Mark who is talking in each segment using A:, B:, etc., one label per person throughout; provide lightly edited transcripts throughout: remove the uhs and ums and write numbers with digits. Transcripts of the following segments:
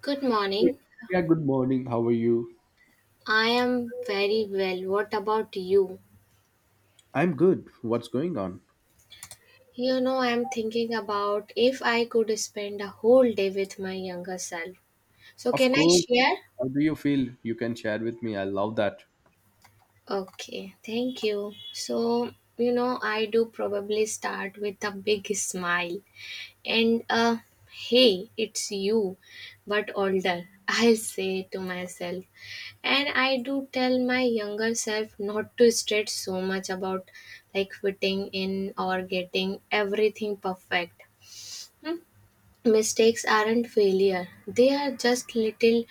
A: Good
B: Hey,
A: morning.
B: yeah, good morning. How are you?
A: I am very well. What about you?
B: I'm good. What's going on?
A: You know, I'm thinking about if I could spend a whole day with my younger self. So,
B: Of
A: can I
B: course.
A: share?
B: How do you feel? You can share with me. I love that.
A: Okay, thank you. So, you know, I do probably start with a big smile. And hey, it's you, but older, I say to myself. And I do tell my younger self not to stress so much about like fitting in or getting everything perfect. Mistakes aren't failure, they are just little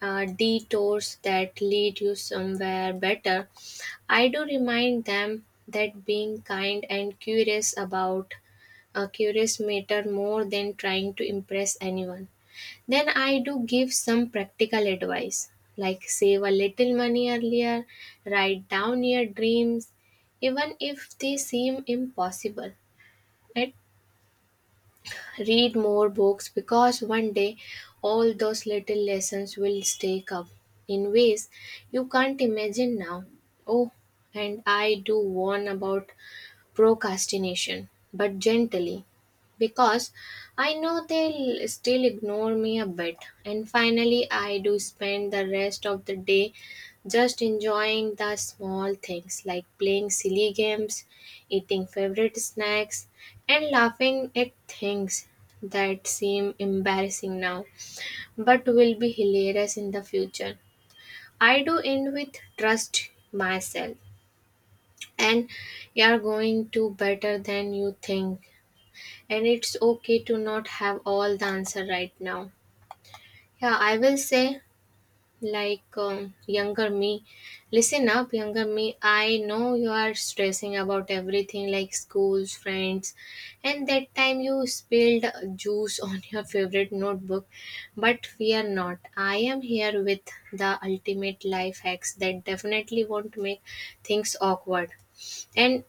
A: detours that lead you somewhere better. I do remind them that being kind and curious about a curious matter more than trying to impress anyone. Then I do give some practical advice like save a little money earlier, write down your dreams, even if they seem impossible. At Read more books, because one day all those little lessons will stack up in ways you can't imagine now. Oh, and I do warn about procrastination, but gently, because I know they'll still ignore me a bit. And finally, I do spend the rest of the day just enjoying the small things like playing silly games, eating favorite snacks, and laughing at things that seem embarrassing now but will be hilarious in the future. I do end with trust myself, and you're going to better than you think, and it's okay to not have all the answer right now. Yeah, I will say, like, younger me, listen up, younger me, I know you are stressing about everything like schools, friends, and that time you spilled juice on your favorite notebook, but we are not, I am here with the ultimate life hacks that definitely won't make things awkward. And,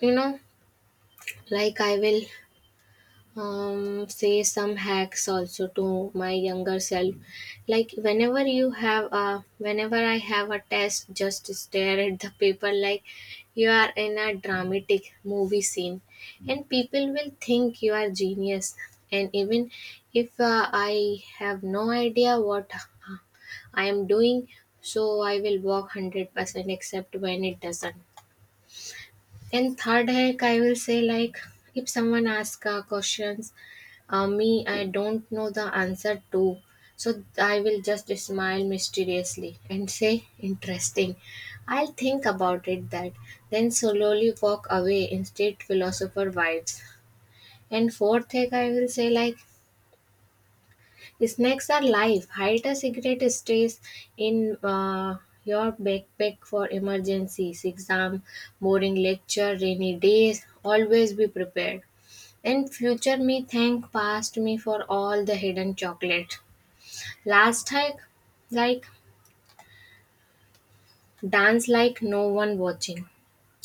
A: you know, like, I will say some hacks also to my younger self. Like, whenever I have a test, just stare at the paper like you are in a dramatic movie scene, and people will think you are genius. And even if I have no idea what uh, I am doing, so I will walk 100% except when it doesn't. And third hack, I will say like, if someone asks questions, me I don't know the answer to, so I will just smile mysteriously and say interesting. I'll think about it, that, then slowly walk away. Instead, philosopher vibes. And fourth hack, I will say like, snacks are life. Hide a cigarette stays in your backpack for emergencies, exam, boring lecture, rainy days. Always be prepared. And future me thank past me for all the hidden chocolate. Last hike, like, dance like no one watching,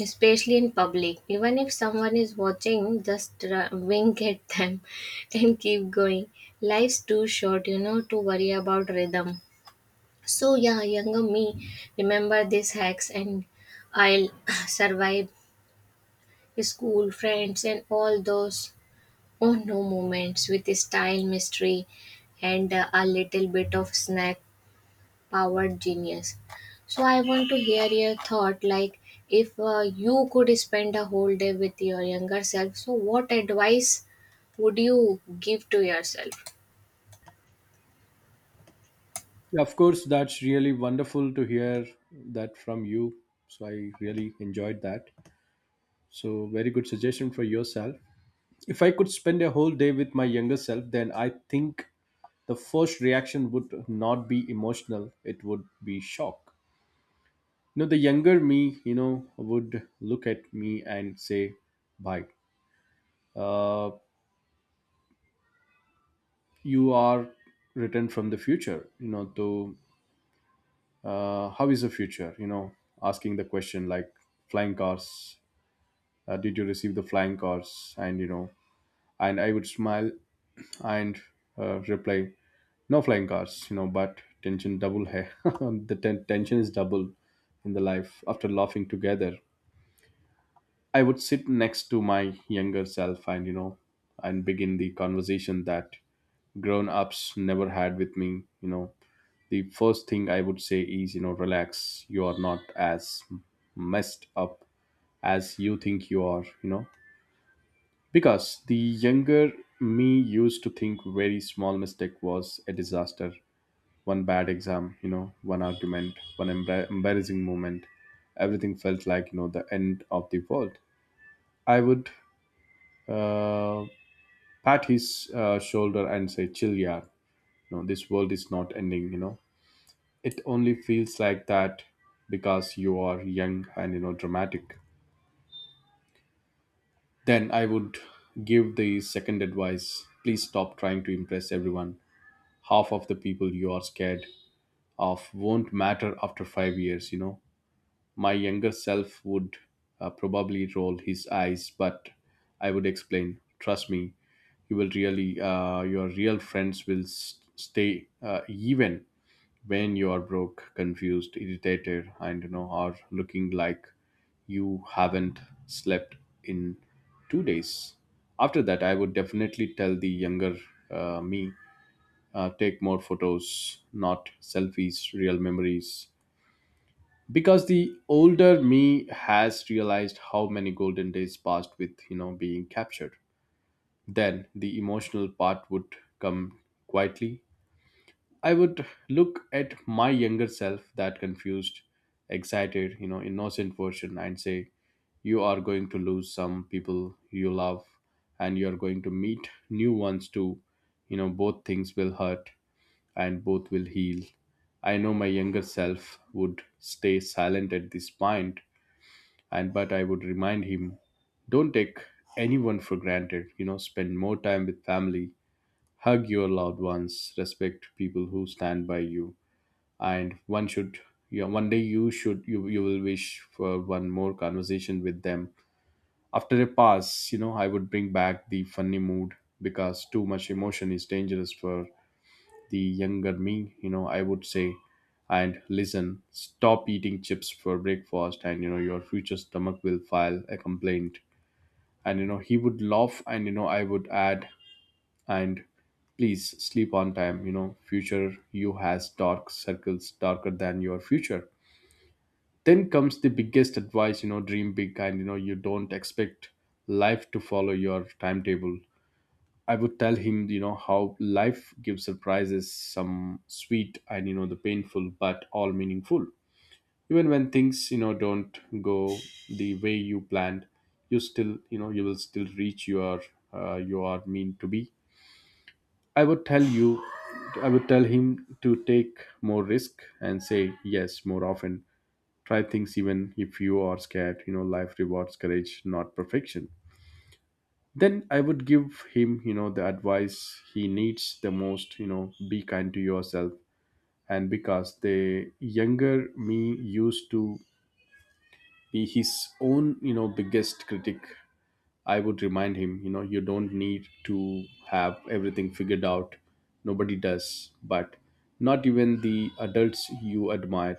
A: especially in public. Even if someone is watching, just wink at them and keep going. Life's too short to worry about rhythm. So yeah, younger me, remember these hacks, and I'll survive school, friends, and all those oh no moments with style, mystery, and a little bit of snack powered genius. So I want to hear your thought, like, if you could spend a whole day with your younger self, so what advice would you give to yourself?
B: Yeah, of course. That's really wonderful to hear that from you. So I really enjoyed that. So, very good suggestion for yourself. If I could spend a whole day with my younger self, then I think the first reaction would not be emotional, it would be shock. You know, the younger me, you know, would look at me and say, bye. Uh, you are written from the future, you know, to how is the future, you know, asking the question like flying cars. Did you receive the flying cars? And you know, and I would smile and reply, no flying cars, you know, but tension double hai. Tension is double in the life. After laughing together, I would sit next to my younger self, and you know, and begin the conversation that grown ups never had with me, you know. The first thing I would say is, you know, relax. You are not as messed up as you think you are, you know. Because the younger me used to think very small mistake was a disaster. One bad exam, you know, one argument, one embarrassing moment. Everything felt like, you know, the end of the world. I would uh, pat his shoulder and say, chill, yeah. No, this world is not ending, you know. It only feels like that because you are young and, you know, dramatic. Then I would give the second advice. Please stop trying to impress everyone. Half of the people you are scared of won't matter after 5 years, you know. My younger self would probably roll his eyes, but I would explain. Trust me, you will really, your real friends will stay, even when you are broke, confused, irritated, and you know are looking like you haven't slept in 2 days. After that, I would definitely tell the younger me take more photos, not selfies, real memories. Because the older me has realized how many golden days passed with, you know, being captured. Then the emotional part would come quietly. I would look at my younger self, that confused, excited, you know, innocent version, and say, you are going to lose some people you love, and you are going to meet new ones too. You know, both things will hurt and both will heal. I know my younger self would stay silent at this point, and but I would remind him, don't take anyone for granted, you know, spend more time with family, hug your loved ones, respect people who stand by you and one should, you know, one day you should you will wish for one more conversation with them. After a pass, you know, I would bring back the funny mood because too much emotion is dangerous for the younger me, you know. I would say and listen, stop eating chips for breakfast, and you know, your future stomach will file a complaint. And you know, he would laugh, and you know, I would add and please sleep on time, you know, future you has dark circles darker than your future. Then comes the biggest advice, you know, dream big, and you know, you don't expect life to follow your timetable. I would tell him, you know, how life gives surprises, some sweet and, you know, the painful, but all meaningful. Even when things, you know, don't go the way you planned, you still, you know, you will still reach your you are mean to be. i would tell you I would tell him to take more risk and say yes more often. Try things even if you are scared. You know, life rewards courage, not perfection. Then I would give him, you know, the advice he needs the most. You know, be kind to yourself. And because the younger me used to be his own, you know, biggest critic, I would remind him, you know, you don't need to have everything figured out. Nobody does, but not even the adults you admire.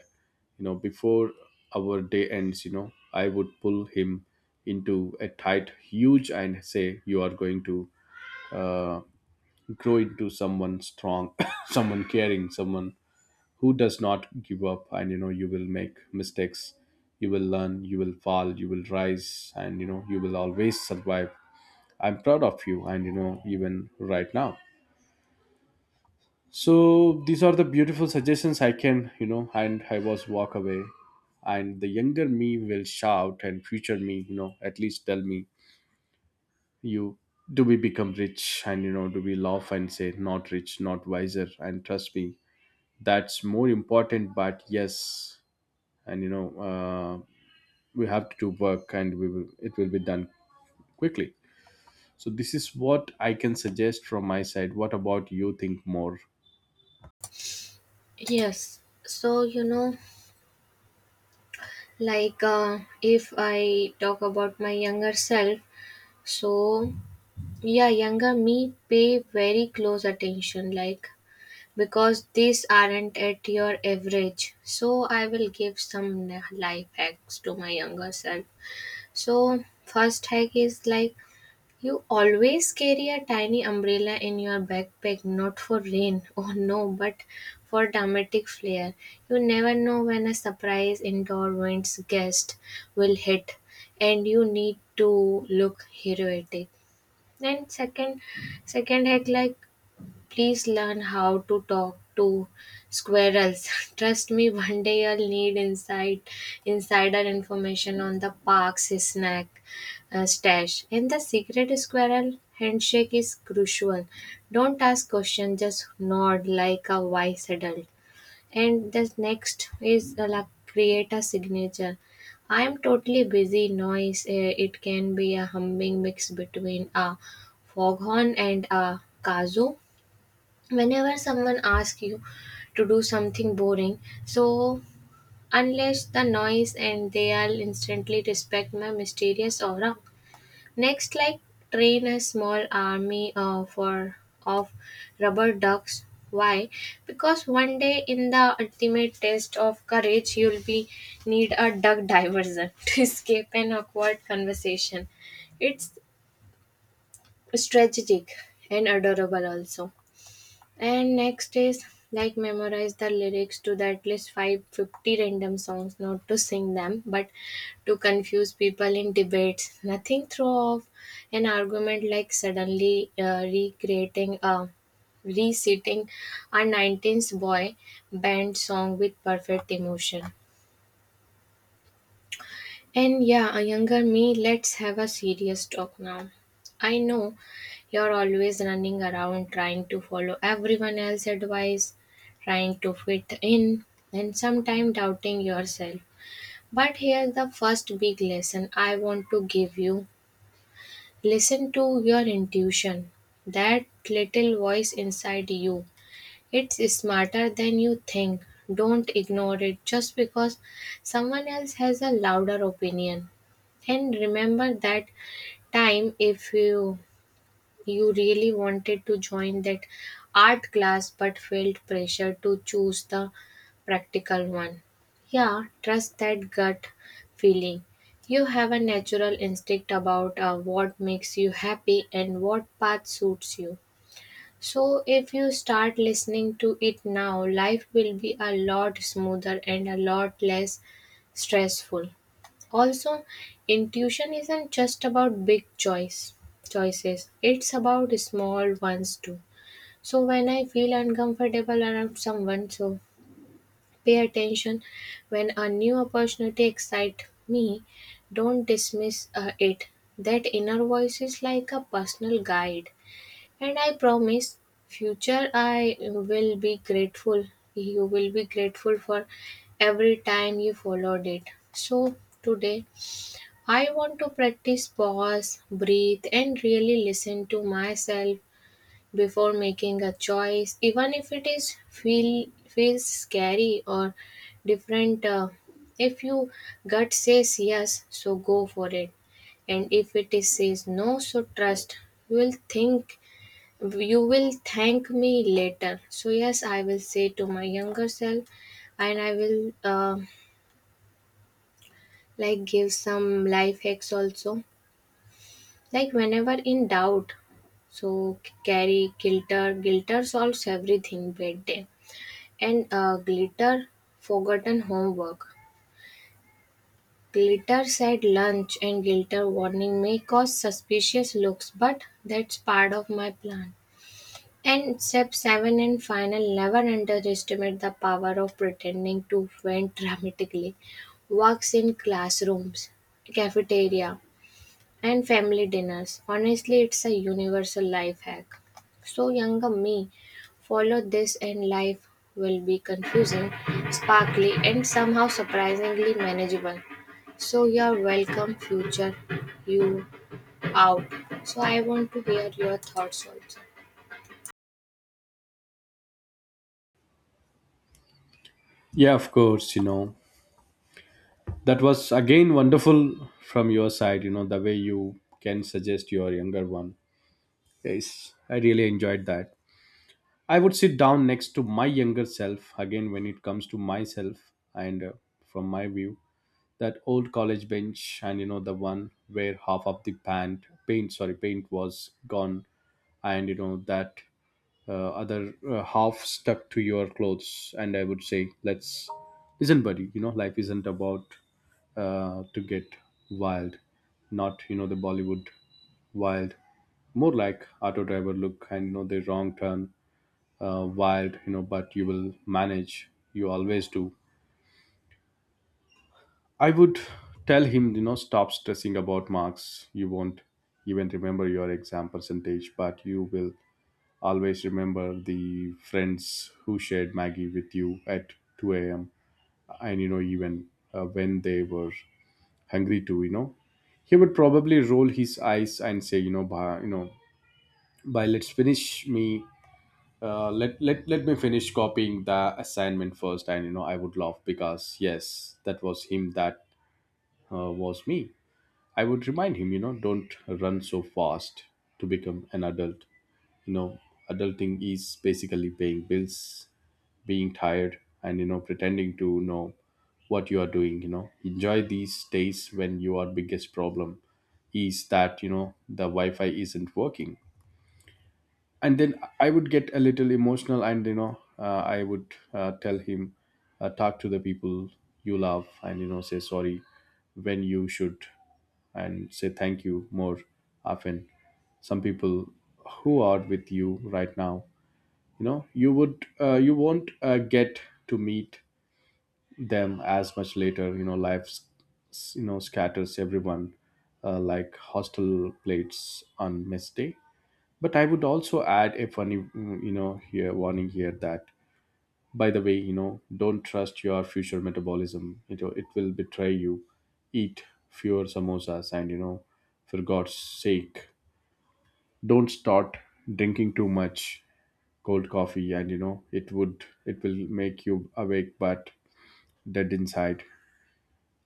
B: You know, before our day ends, you know, I would pull him into a tight, huge, and say, you are going to uh, grow into someone strong, someone caring, someone who does not give up. And, you know, you will make mistakes, you will learn, you will fall, you will rise, and, you know, you will always survive. I'm proud of you, and you know, even right now. So these are the beautiful suggestions I can, you know, and I was walk away. And the younger me will shout, and future me, you know, at least tell me, you, do we become rich? And you know, do we laugh and say, not rich, not wiser, and trust me, that's more important. But yes, and you know, uh, we have to do work, and we will, it will be done quickly. So this is what I can suggest from my side. What about you? Think more.
A: Yes. So, you know, like, if I talk about my younger self, so yeah, younger me, pay very close attention, like, because these aren't at your average, so I will give some life hacks to my younger self. So first hack is like, you always carry a tiny umbrella in your backpack, not for rain, oh no, but for dramatic flair. You never know when a surprise indoor winds gust will hit, and you need to look heroic. And second, act like, please learn how to talk to squirrels. Trust me, one day you'll need insider information on the park's snack stash. And the secret squirrel handshake is crucial. Don't ask questions, just nod like a wise adult. And the next is like, create a signature. I am totally busy noise. It can be a humming mix between a foghorn and a kazoo whenever someone asks you to do something boring, so unless the noise, and they all instantly respect my mysterious aura. Next, like, train a small army for of rubber ducks. Why? Because one day in the ultimate test of courage you'll be need a duck diversion to escape an awkward conversation. It's strategic and adorable also. And next is, like, memorize the lyrics to the at least 550 random songs, not to sing them, but to confuse people in debates. Nothing throw off an argument like suddenly recreating a reciting a 19s boy band song with perfect emotion. And yeah, a younger me, let's have a serious talk now. I know you're always running around trying to follow everyone else's advice, trying to fit in, and sometimes doubting yourself. But here's the first big lesson I want to give you: listen to your intuition, that little voice inside you, it's smarter than you think. Don't ignore it just because someone else has a louder opinion. And remember that time, if you really wanted to join that art class but felt pressure to choose the practical one. Yeah, trust that gut feeling. You have a natural instinct about what makes you happy and what path suits you. So if you start listening to it now, life will be a lot smoother and a lot less stressful. Also, intuition isn't just about big choices. It's about small ones too. So when I feel uncomfortable around someone, so pay attention. When a new opportunity excites me, don't dismiss it. That inner voice is like a personal guide, and I promise, future I will be grateful. You will be grateful for every time you followed it. So, today I want to practice pause, breathe, and really listen to myself before making a choice, even if it is feels scary or different. If your gut says yes, so go for it, and if it is says no, so trust, you will think you will thank me later. So, yes, I will say to my younger self, and I will like give some life hacks also. Like, whenever in doubt, so carry glitter. Glitter solves everything bad day. And glitter forgotten homework. Glitter said lunch, and glitter warning may cause suspicious looks, but that's part of my plan. And step seven and final, never underestimate the power of pretending to vent dramatically. Works in classrooms, cafeteria, and family dinners. Honestly, it's a universal life hack. So, younger me, follow this, and life will be confusing, sparkly, and somehow surprisingly manageable. So, you're welcome, future you out. So, I want to hear your thoughts also.
B: Yeah, of course, you know. That was again wonderful from your side, you know, the way you can suggest your younger one. Yes, I really enjoyed that. I would sit down next to my younger self again when it comes to myself, and from my view, that old college bench, and you know, the one where half of the paint was gone, and you know that other half stuck to your clothes. And I would say, let's listen, buddy, you know, life isn't about to get wild, not, you know, the Bollywood wild, more like auto driver look, and you know, the wrong turn, wild, you know, but you will manage, you always do. I would tell him, you know, stop stressing about marks. You won't even remember your exam percentage, but you will always remember the friends who shared Maggie with you at 2 a.m. and you know, even when they were hungry too, you know. He would probably roll his eyes and say, you know, by let's finish me. Let, let me finish copying the assignment first, and you know, I would laugh because yes, that was him, that was me. I would remind him, you know, don't run so fast to become an adult, you know. Adulting is basically paying bills, being tired, and you know, pretending to know what you are doing. You know, enjoy these days when your biggest problem is that, you know, the wi-fi isn't working. And then I would get a little emotional, and you know, I would tell him, talk to the people you love, and you know, say sorry when you should, and say thank you more often. Some people who are with you right now, you know, you would you won't get to meet them as much later, you know, you know, scatters everyone, like hostile plates on mess day. But I would also add a funny you know, here warning here that by the way, you know, don't trust your future metabolism. You know, it will betray you. Eat fewer samosas, and you know, for god's sake, don't start drinking too much cold coffee, and you know, it will make you awake but dead inside.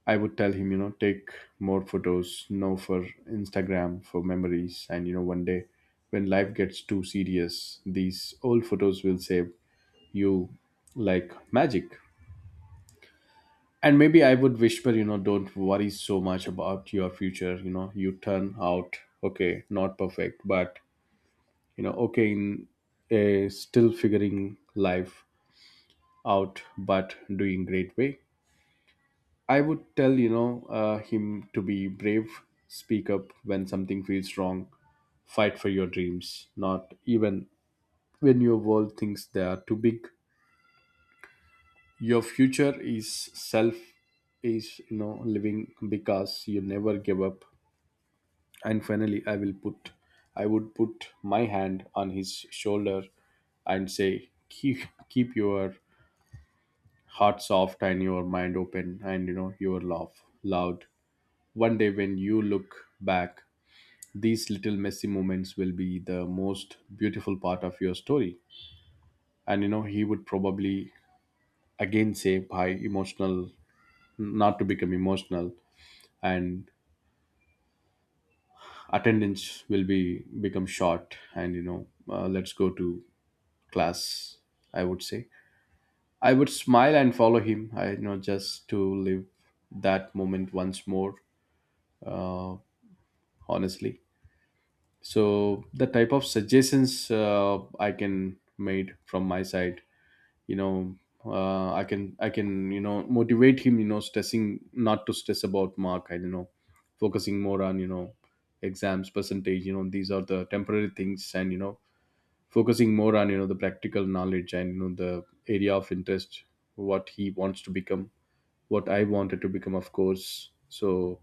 B: I would tell him, you know, take more photos, no for Instagram, for memories. And, you know, one day when life gets too serious, these old photos will save you like magic. And maybe I would whisper, you know, don't worry so much about your future. You know, you turn out okay, not perfect, but, you know, okay, in a still figuring life out, but doing great way. I would tell, you know, him to be brave, speak up when something feels wrong, fight for your dreams, not even when your world thinks they are too big. Your future is self is, you know, living because you never give up. And finally, I would put my hand on his shoulder and say keep your heart soft and your mind open and your love loud. One day when you look back, these little messy moments will be the most beautiful part of your story. And he would probably again say by emotional not to become emotional, and attendance will be become short and let's go to class, I would say. I would smile and follow him, I you know just to live that moment once more. Uh, honestly so the type of suggestions I can made from my side, you know I can motivate him, stressing not to stress about mark, I don't know, focusing more on, exams percentage. You know, these are the temporary things and focusing more on, the practical knowledge and, the area of interest, what he wants to become, what I wanted to become, of course. So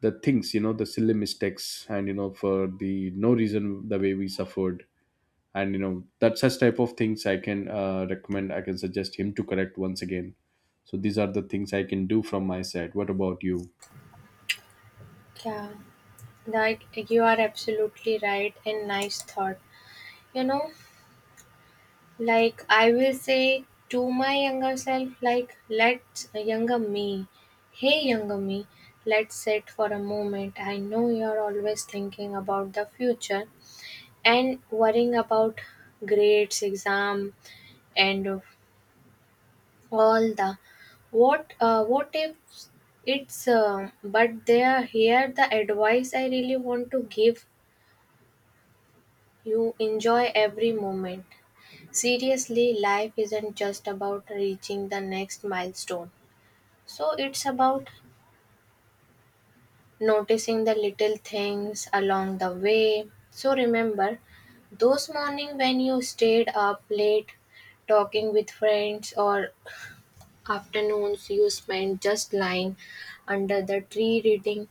B: the things, the silly mistakes and, for the no reason the way we suffered, and that such type of things I can recommend, I can suggest him to correct once again. So these are the things I can do from my side. What about you?
A: Yeah. That you are absolutely right and nice thought. You know, like, I will say to my younger self, like, younger me, hey, younger me, let's sit for a moment. I know you're always thinking about the future and worrying about grades, exam, and all the what if but there, here the advice I really want to give. You enjoy every moment. Seriously, life isn't just about reaching the next milestone. So it's about noticing the little things along the way. So remember those morning when you stayed up late talking with friends, or afternoons you spent just lying under the tree reading.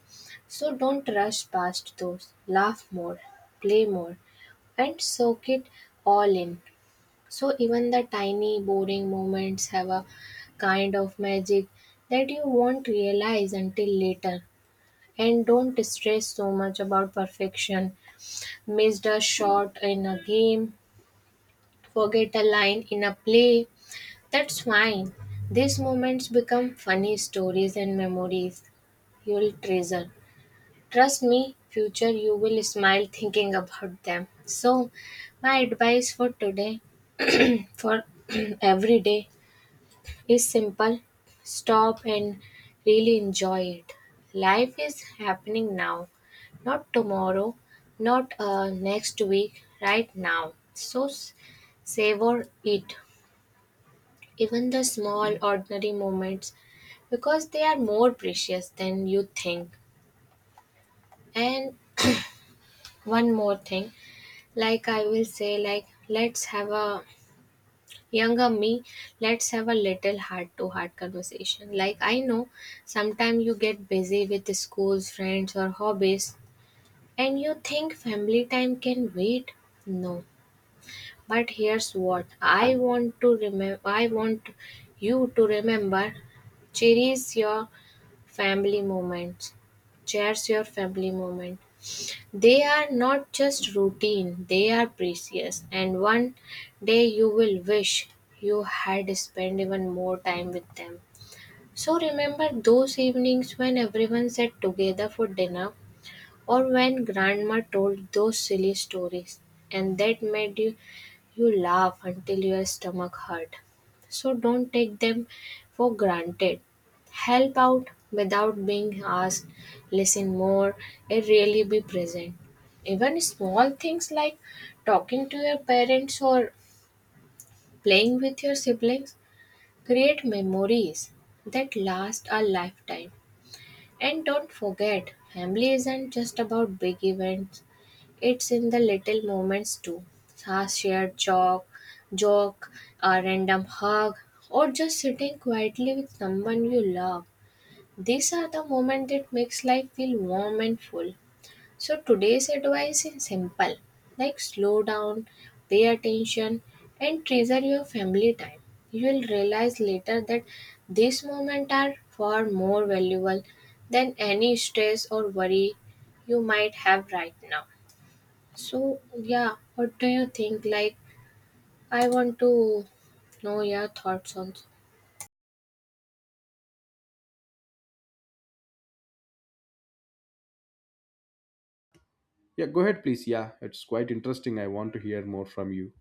A: So don't rush past those. Laugh more, play more, and soak it all in. So even the tiny boring moments have a kind of magic that you won't realize until later. And don't stress so much about perfection. Missed a shot in a game, forget a line in a play. That's fine. These moments become funny stories and memories you'll treasure. Trust me, future you will smile thinking about them. So, my advice for today, for every day, is simple: stop and really enjoy it. Life is happening now, not tomorrow, not next week, right now. So savor it, even the small, ordinary moments, because they are more precious than you think. And one more thing, like I will say, like, let's have a younger me, let's have a little heart to heart conversation. Like, I know sometimes you get busy with the schools, friends, or hobbies, and you think family time can wait. No, but here's what I want to remember I want you to remember, cherish your family moments cherish your family moment, they are not just routine, they are precious, and one day you will wish you had spent even more time with them. So remember those evenings when everyone sat together for dinner, or when grandma told those silly stories and that made you laugh until your stomach hurt. So don't take them for granted. Help out without being asked, listen more, and really be present. Even small things like talking to your parents or playing with your siblings create memories that last a lifetime. And don't forget, family isn't just about big events. It's in the little moments too. A shared joke, a random hug, or just sitting quietly with someone you love. These are the moments that makes life feel warm and full. So today's advice is simple, like, slow down, pay attention, and treasure your family time. You will realize later that these moments are far more valuable than any stress or worry you might have right now. So, yeah, what do you think? Like, I want to know your thoughts on.
B: Yeah, go ahead please. Yeah, it's quite interesting. I want to hear more from you.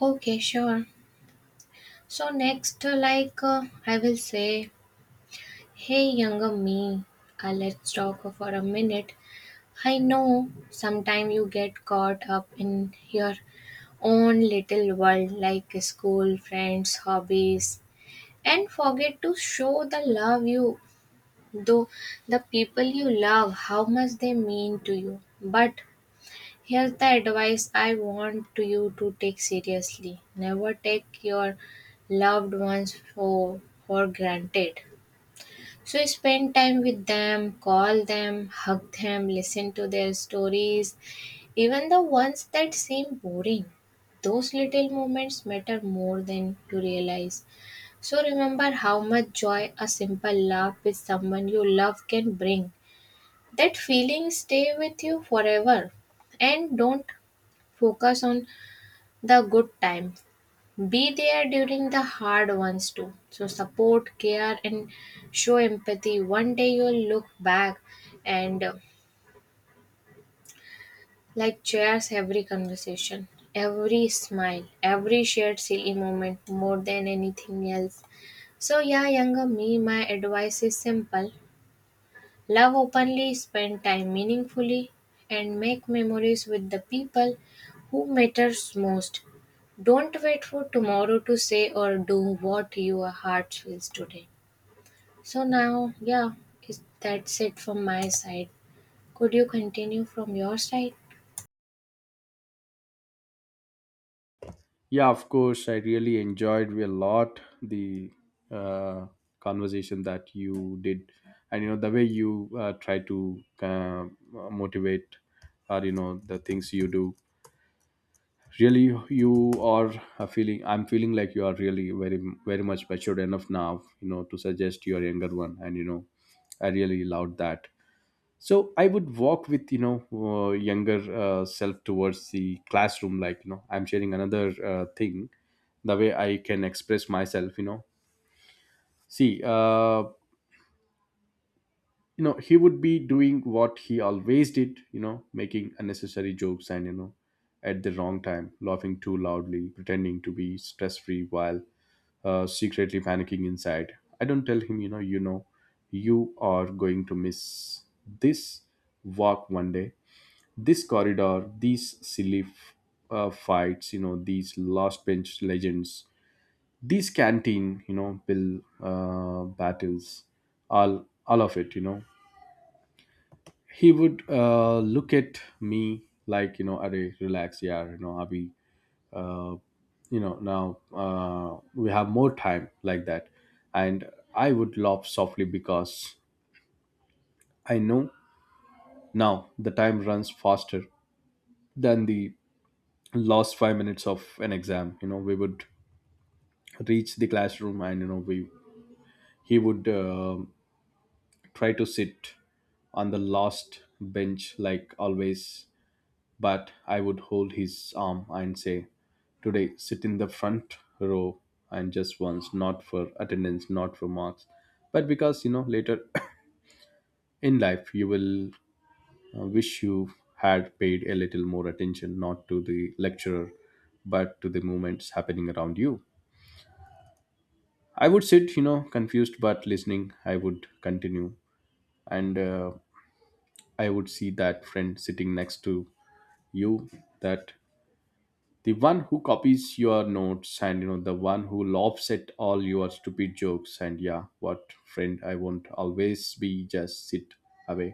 A: Okay, sure. So next, like, I will say, hey younger me, let's talk for a minute. I know sometimes you get caught up in your own little world like school, friends, hobbies, and forget to show the love you though the people you love how much they mean to you. But here's the advice I want to you to take seriously. Never take your loved ones for granted. So spend time with them, call them, hug them, listen to their stories, even the ones that seem boring. Those little moments matter more than you realize. So remember how much joy a simple laugh with someone you love can bring. That feeling stay with you forever, and don't focus on the good times, be there during the hard ones too. So support, care, and show empathy. One day you'll look back and like cherish every conversation, every smile, every shared silly moment more than anything else. So yeah, younger me, my advice is simple. Love openly, spend time meaningfully, and make memories with the people who matters most. Don't wait for tomorrow to say or do what your heart feels today. So now, yeah, that's it from my side. Could you continue from your side?
B: Yeah, of course, I really enjoyed a lot the uh, conversation that you did, and the way you try to motivate or, the things you do. Really, you are a feeling, I'm feeling like you are really very, very much matured enough now, to suggest your younger one, and I really loved that. So I would walk with, younger self towards the classroom. Like, I'm sharing another thing, the way I can express myself. You know, see, he would be doing what he always did, making unnecessary jokes and, at the wrong time, laughing too loudly, pretending to be stress free while secretly panicking inside. I don't tell him, you are going to miss this walk one day, this corridor, these silly fights, these last bench legends, these canteen, bill battles, all all of it, you know. He would look at me like, are relax, yeah, abhi, uh, now we have more time, like that. And I would laugh softly because I know now the time runs faster than the last 5 minutes of an exam. You know, we would reach the classroom and, you know we he would try to sit on the last bench like always. But I would hold his arm and say, today, sit in the front row, and just once, not for attendance, not for marks, but because, later in life you will wish you had paid a little more attention, not to the lecturer, but to the movements happening around you. I would sit, you know, confused but listening. I would continue, and I would see that friend sitting next to you, that the one who copies your notes and, the one who laughs at all your stupid jokes. And yeah, what friend? I won't always be just sit away.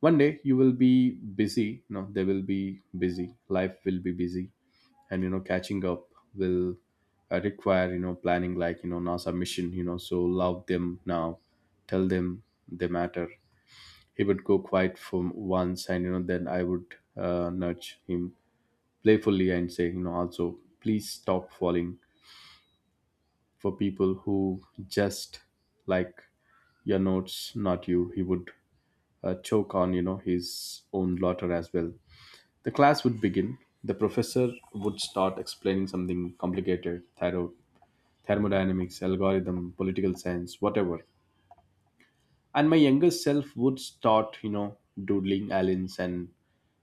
B: One day you will be busy. No, they will be busy, life will be busy, and, catching up will require, planning like, nasa mission, so love them now, tell them they matter. He would go quiet for once, and, then I would nudge him playfully and say, you know, also please stop falling for people who just like your notes, not you. He would choke on, you know, his own laughter as well. The class would begin. The professor would start explaining something complicated, thorough, thermodynamics, algorithm, political science, whatever. And my younger self would start, you know, doodling aliens and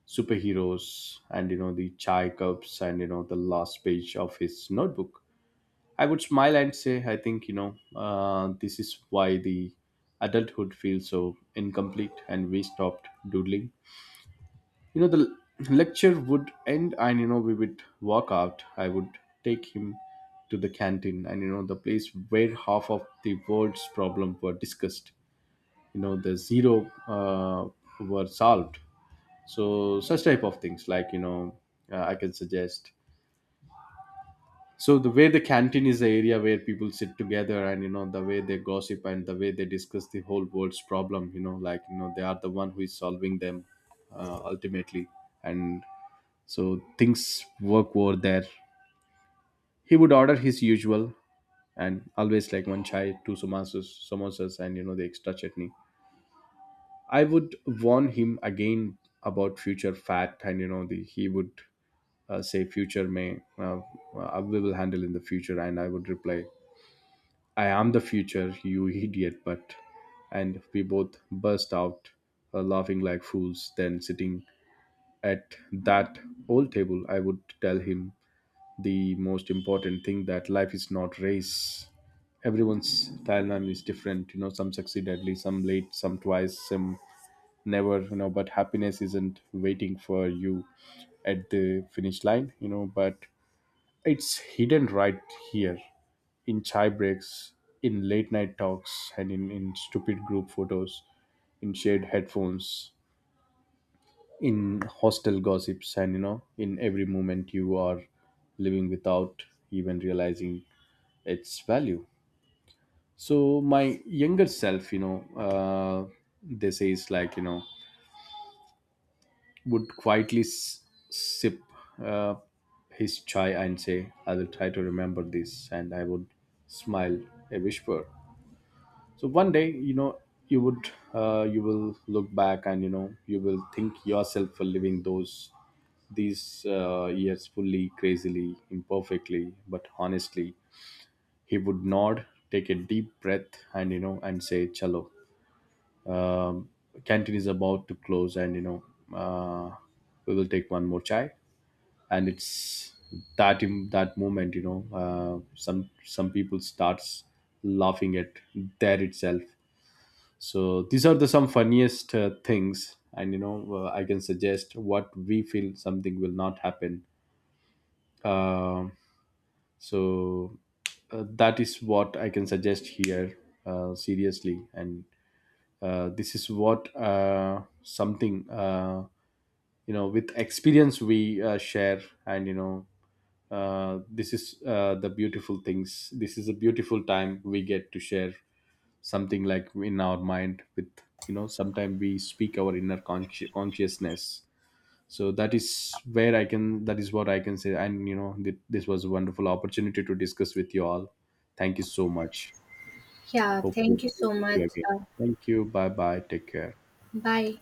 B: superheroes and, you know, the chai cups and, you know, the last page of his notebook. I would smile and say, I think, this is why the adulthood feels so incomplete and we stopped doodling. You know, the lecture would end and, you know, we would walk out. I would take him to the canteen and, you know, the place where half of the world's problems were discussed. You know, the zero were solved. So such type of things, like, you know, I can suggest. So the way the canteen is the area where people sit together, and, the way they gossip, and the way they discuss the whole world's problem, like, they are the one who is solving them ultimately. And so things work over there. He would order his usual, and always, like, one chai, two samosas, and, the extra chutney. I would warn him again about future fat, and, the he would say future may, uh, we will handle in the future. And I would reply, I am the future, you idiot, but. And we both burst out laughing like fools. Then, sitting at that old table, I would tell him the most important thing, that life is not race. Everyone's timeline is different, you know, some succeed early, some late, some twice, some never, you know, but happiness isn't waiting for you at the finish line, you know, but it's hidden right here, in chai breaks, in late night talks, and in stupid group photos, in shared headphones, in hostel gossips, and, you know, in every moment you are living without even realizing its value. So my younger self, uh, they say is like, you know, would quietly sip uh, his chai and say, "I will try to remember this," and I would smile, a whisper, so one day, you know, you will look back and, you will thank yourself for living those these years, fully, crazily, imperfectly but honestly. He would nod, take a deep breath, and, and say chalo, um, canteen is about to close, and, uh, we will take one more chai. And it's that in that moment, you know, some people starts laughing at there itself. So these are the some funniest things, and, I can suggest what we feel something will not happen. Uh, so uh, that is what I can suggest here, seriously. And this is what, something, with experience we share, and, this is, the beautiful things. This is a beautiful time we get to share something like in our mind with, you know, sometimes we speak our inner consciousness. So that is where I can that is what I can say. And, this was a wonderful opportunity to discuss with you all. Thank you so much.
A: Yeah,
B: Hope to
A: thank you so
B: meet
A: much.
B: you again. Thank you, bye bye, take care.
A: Bye.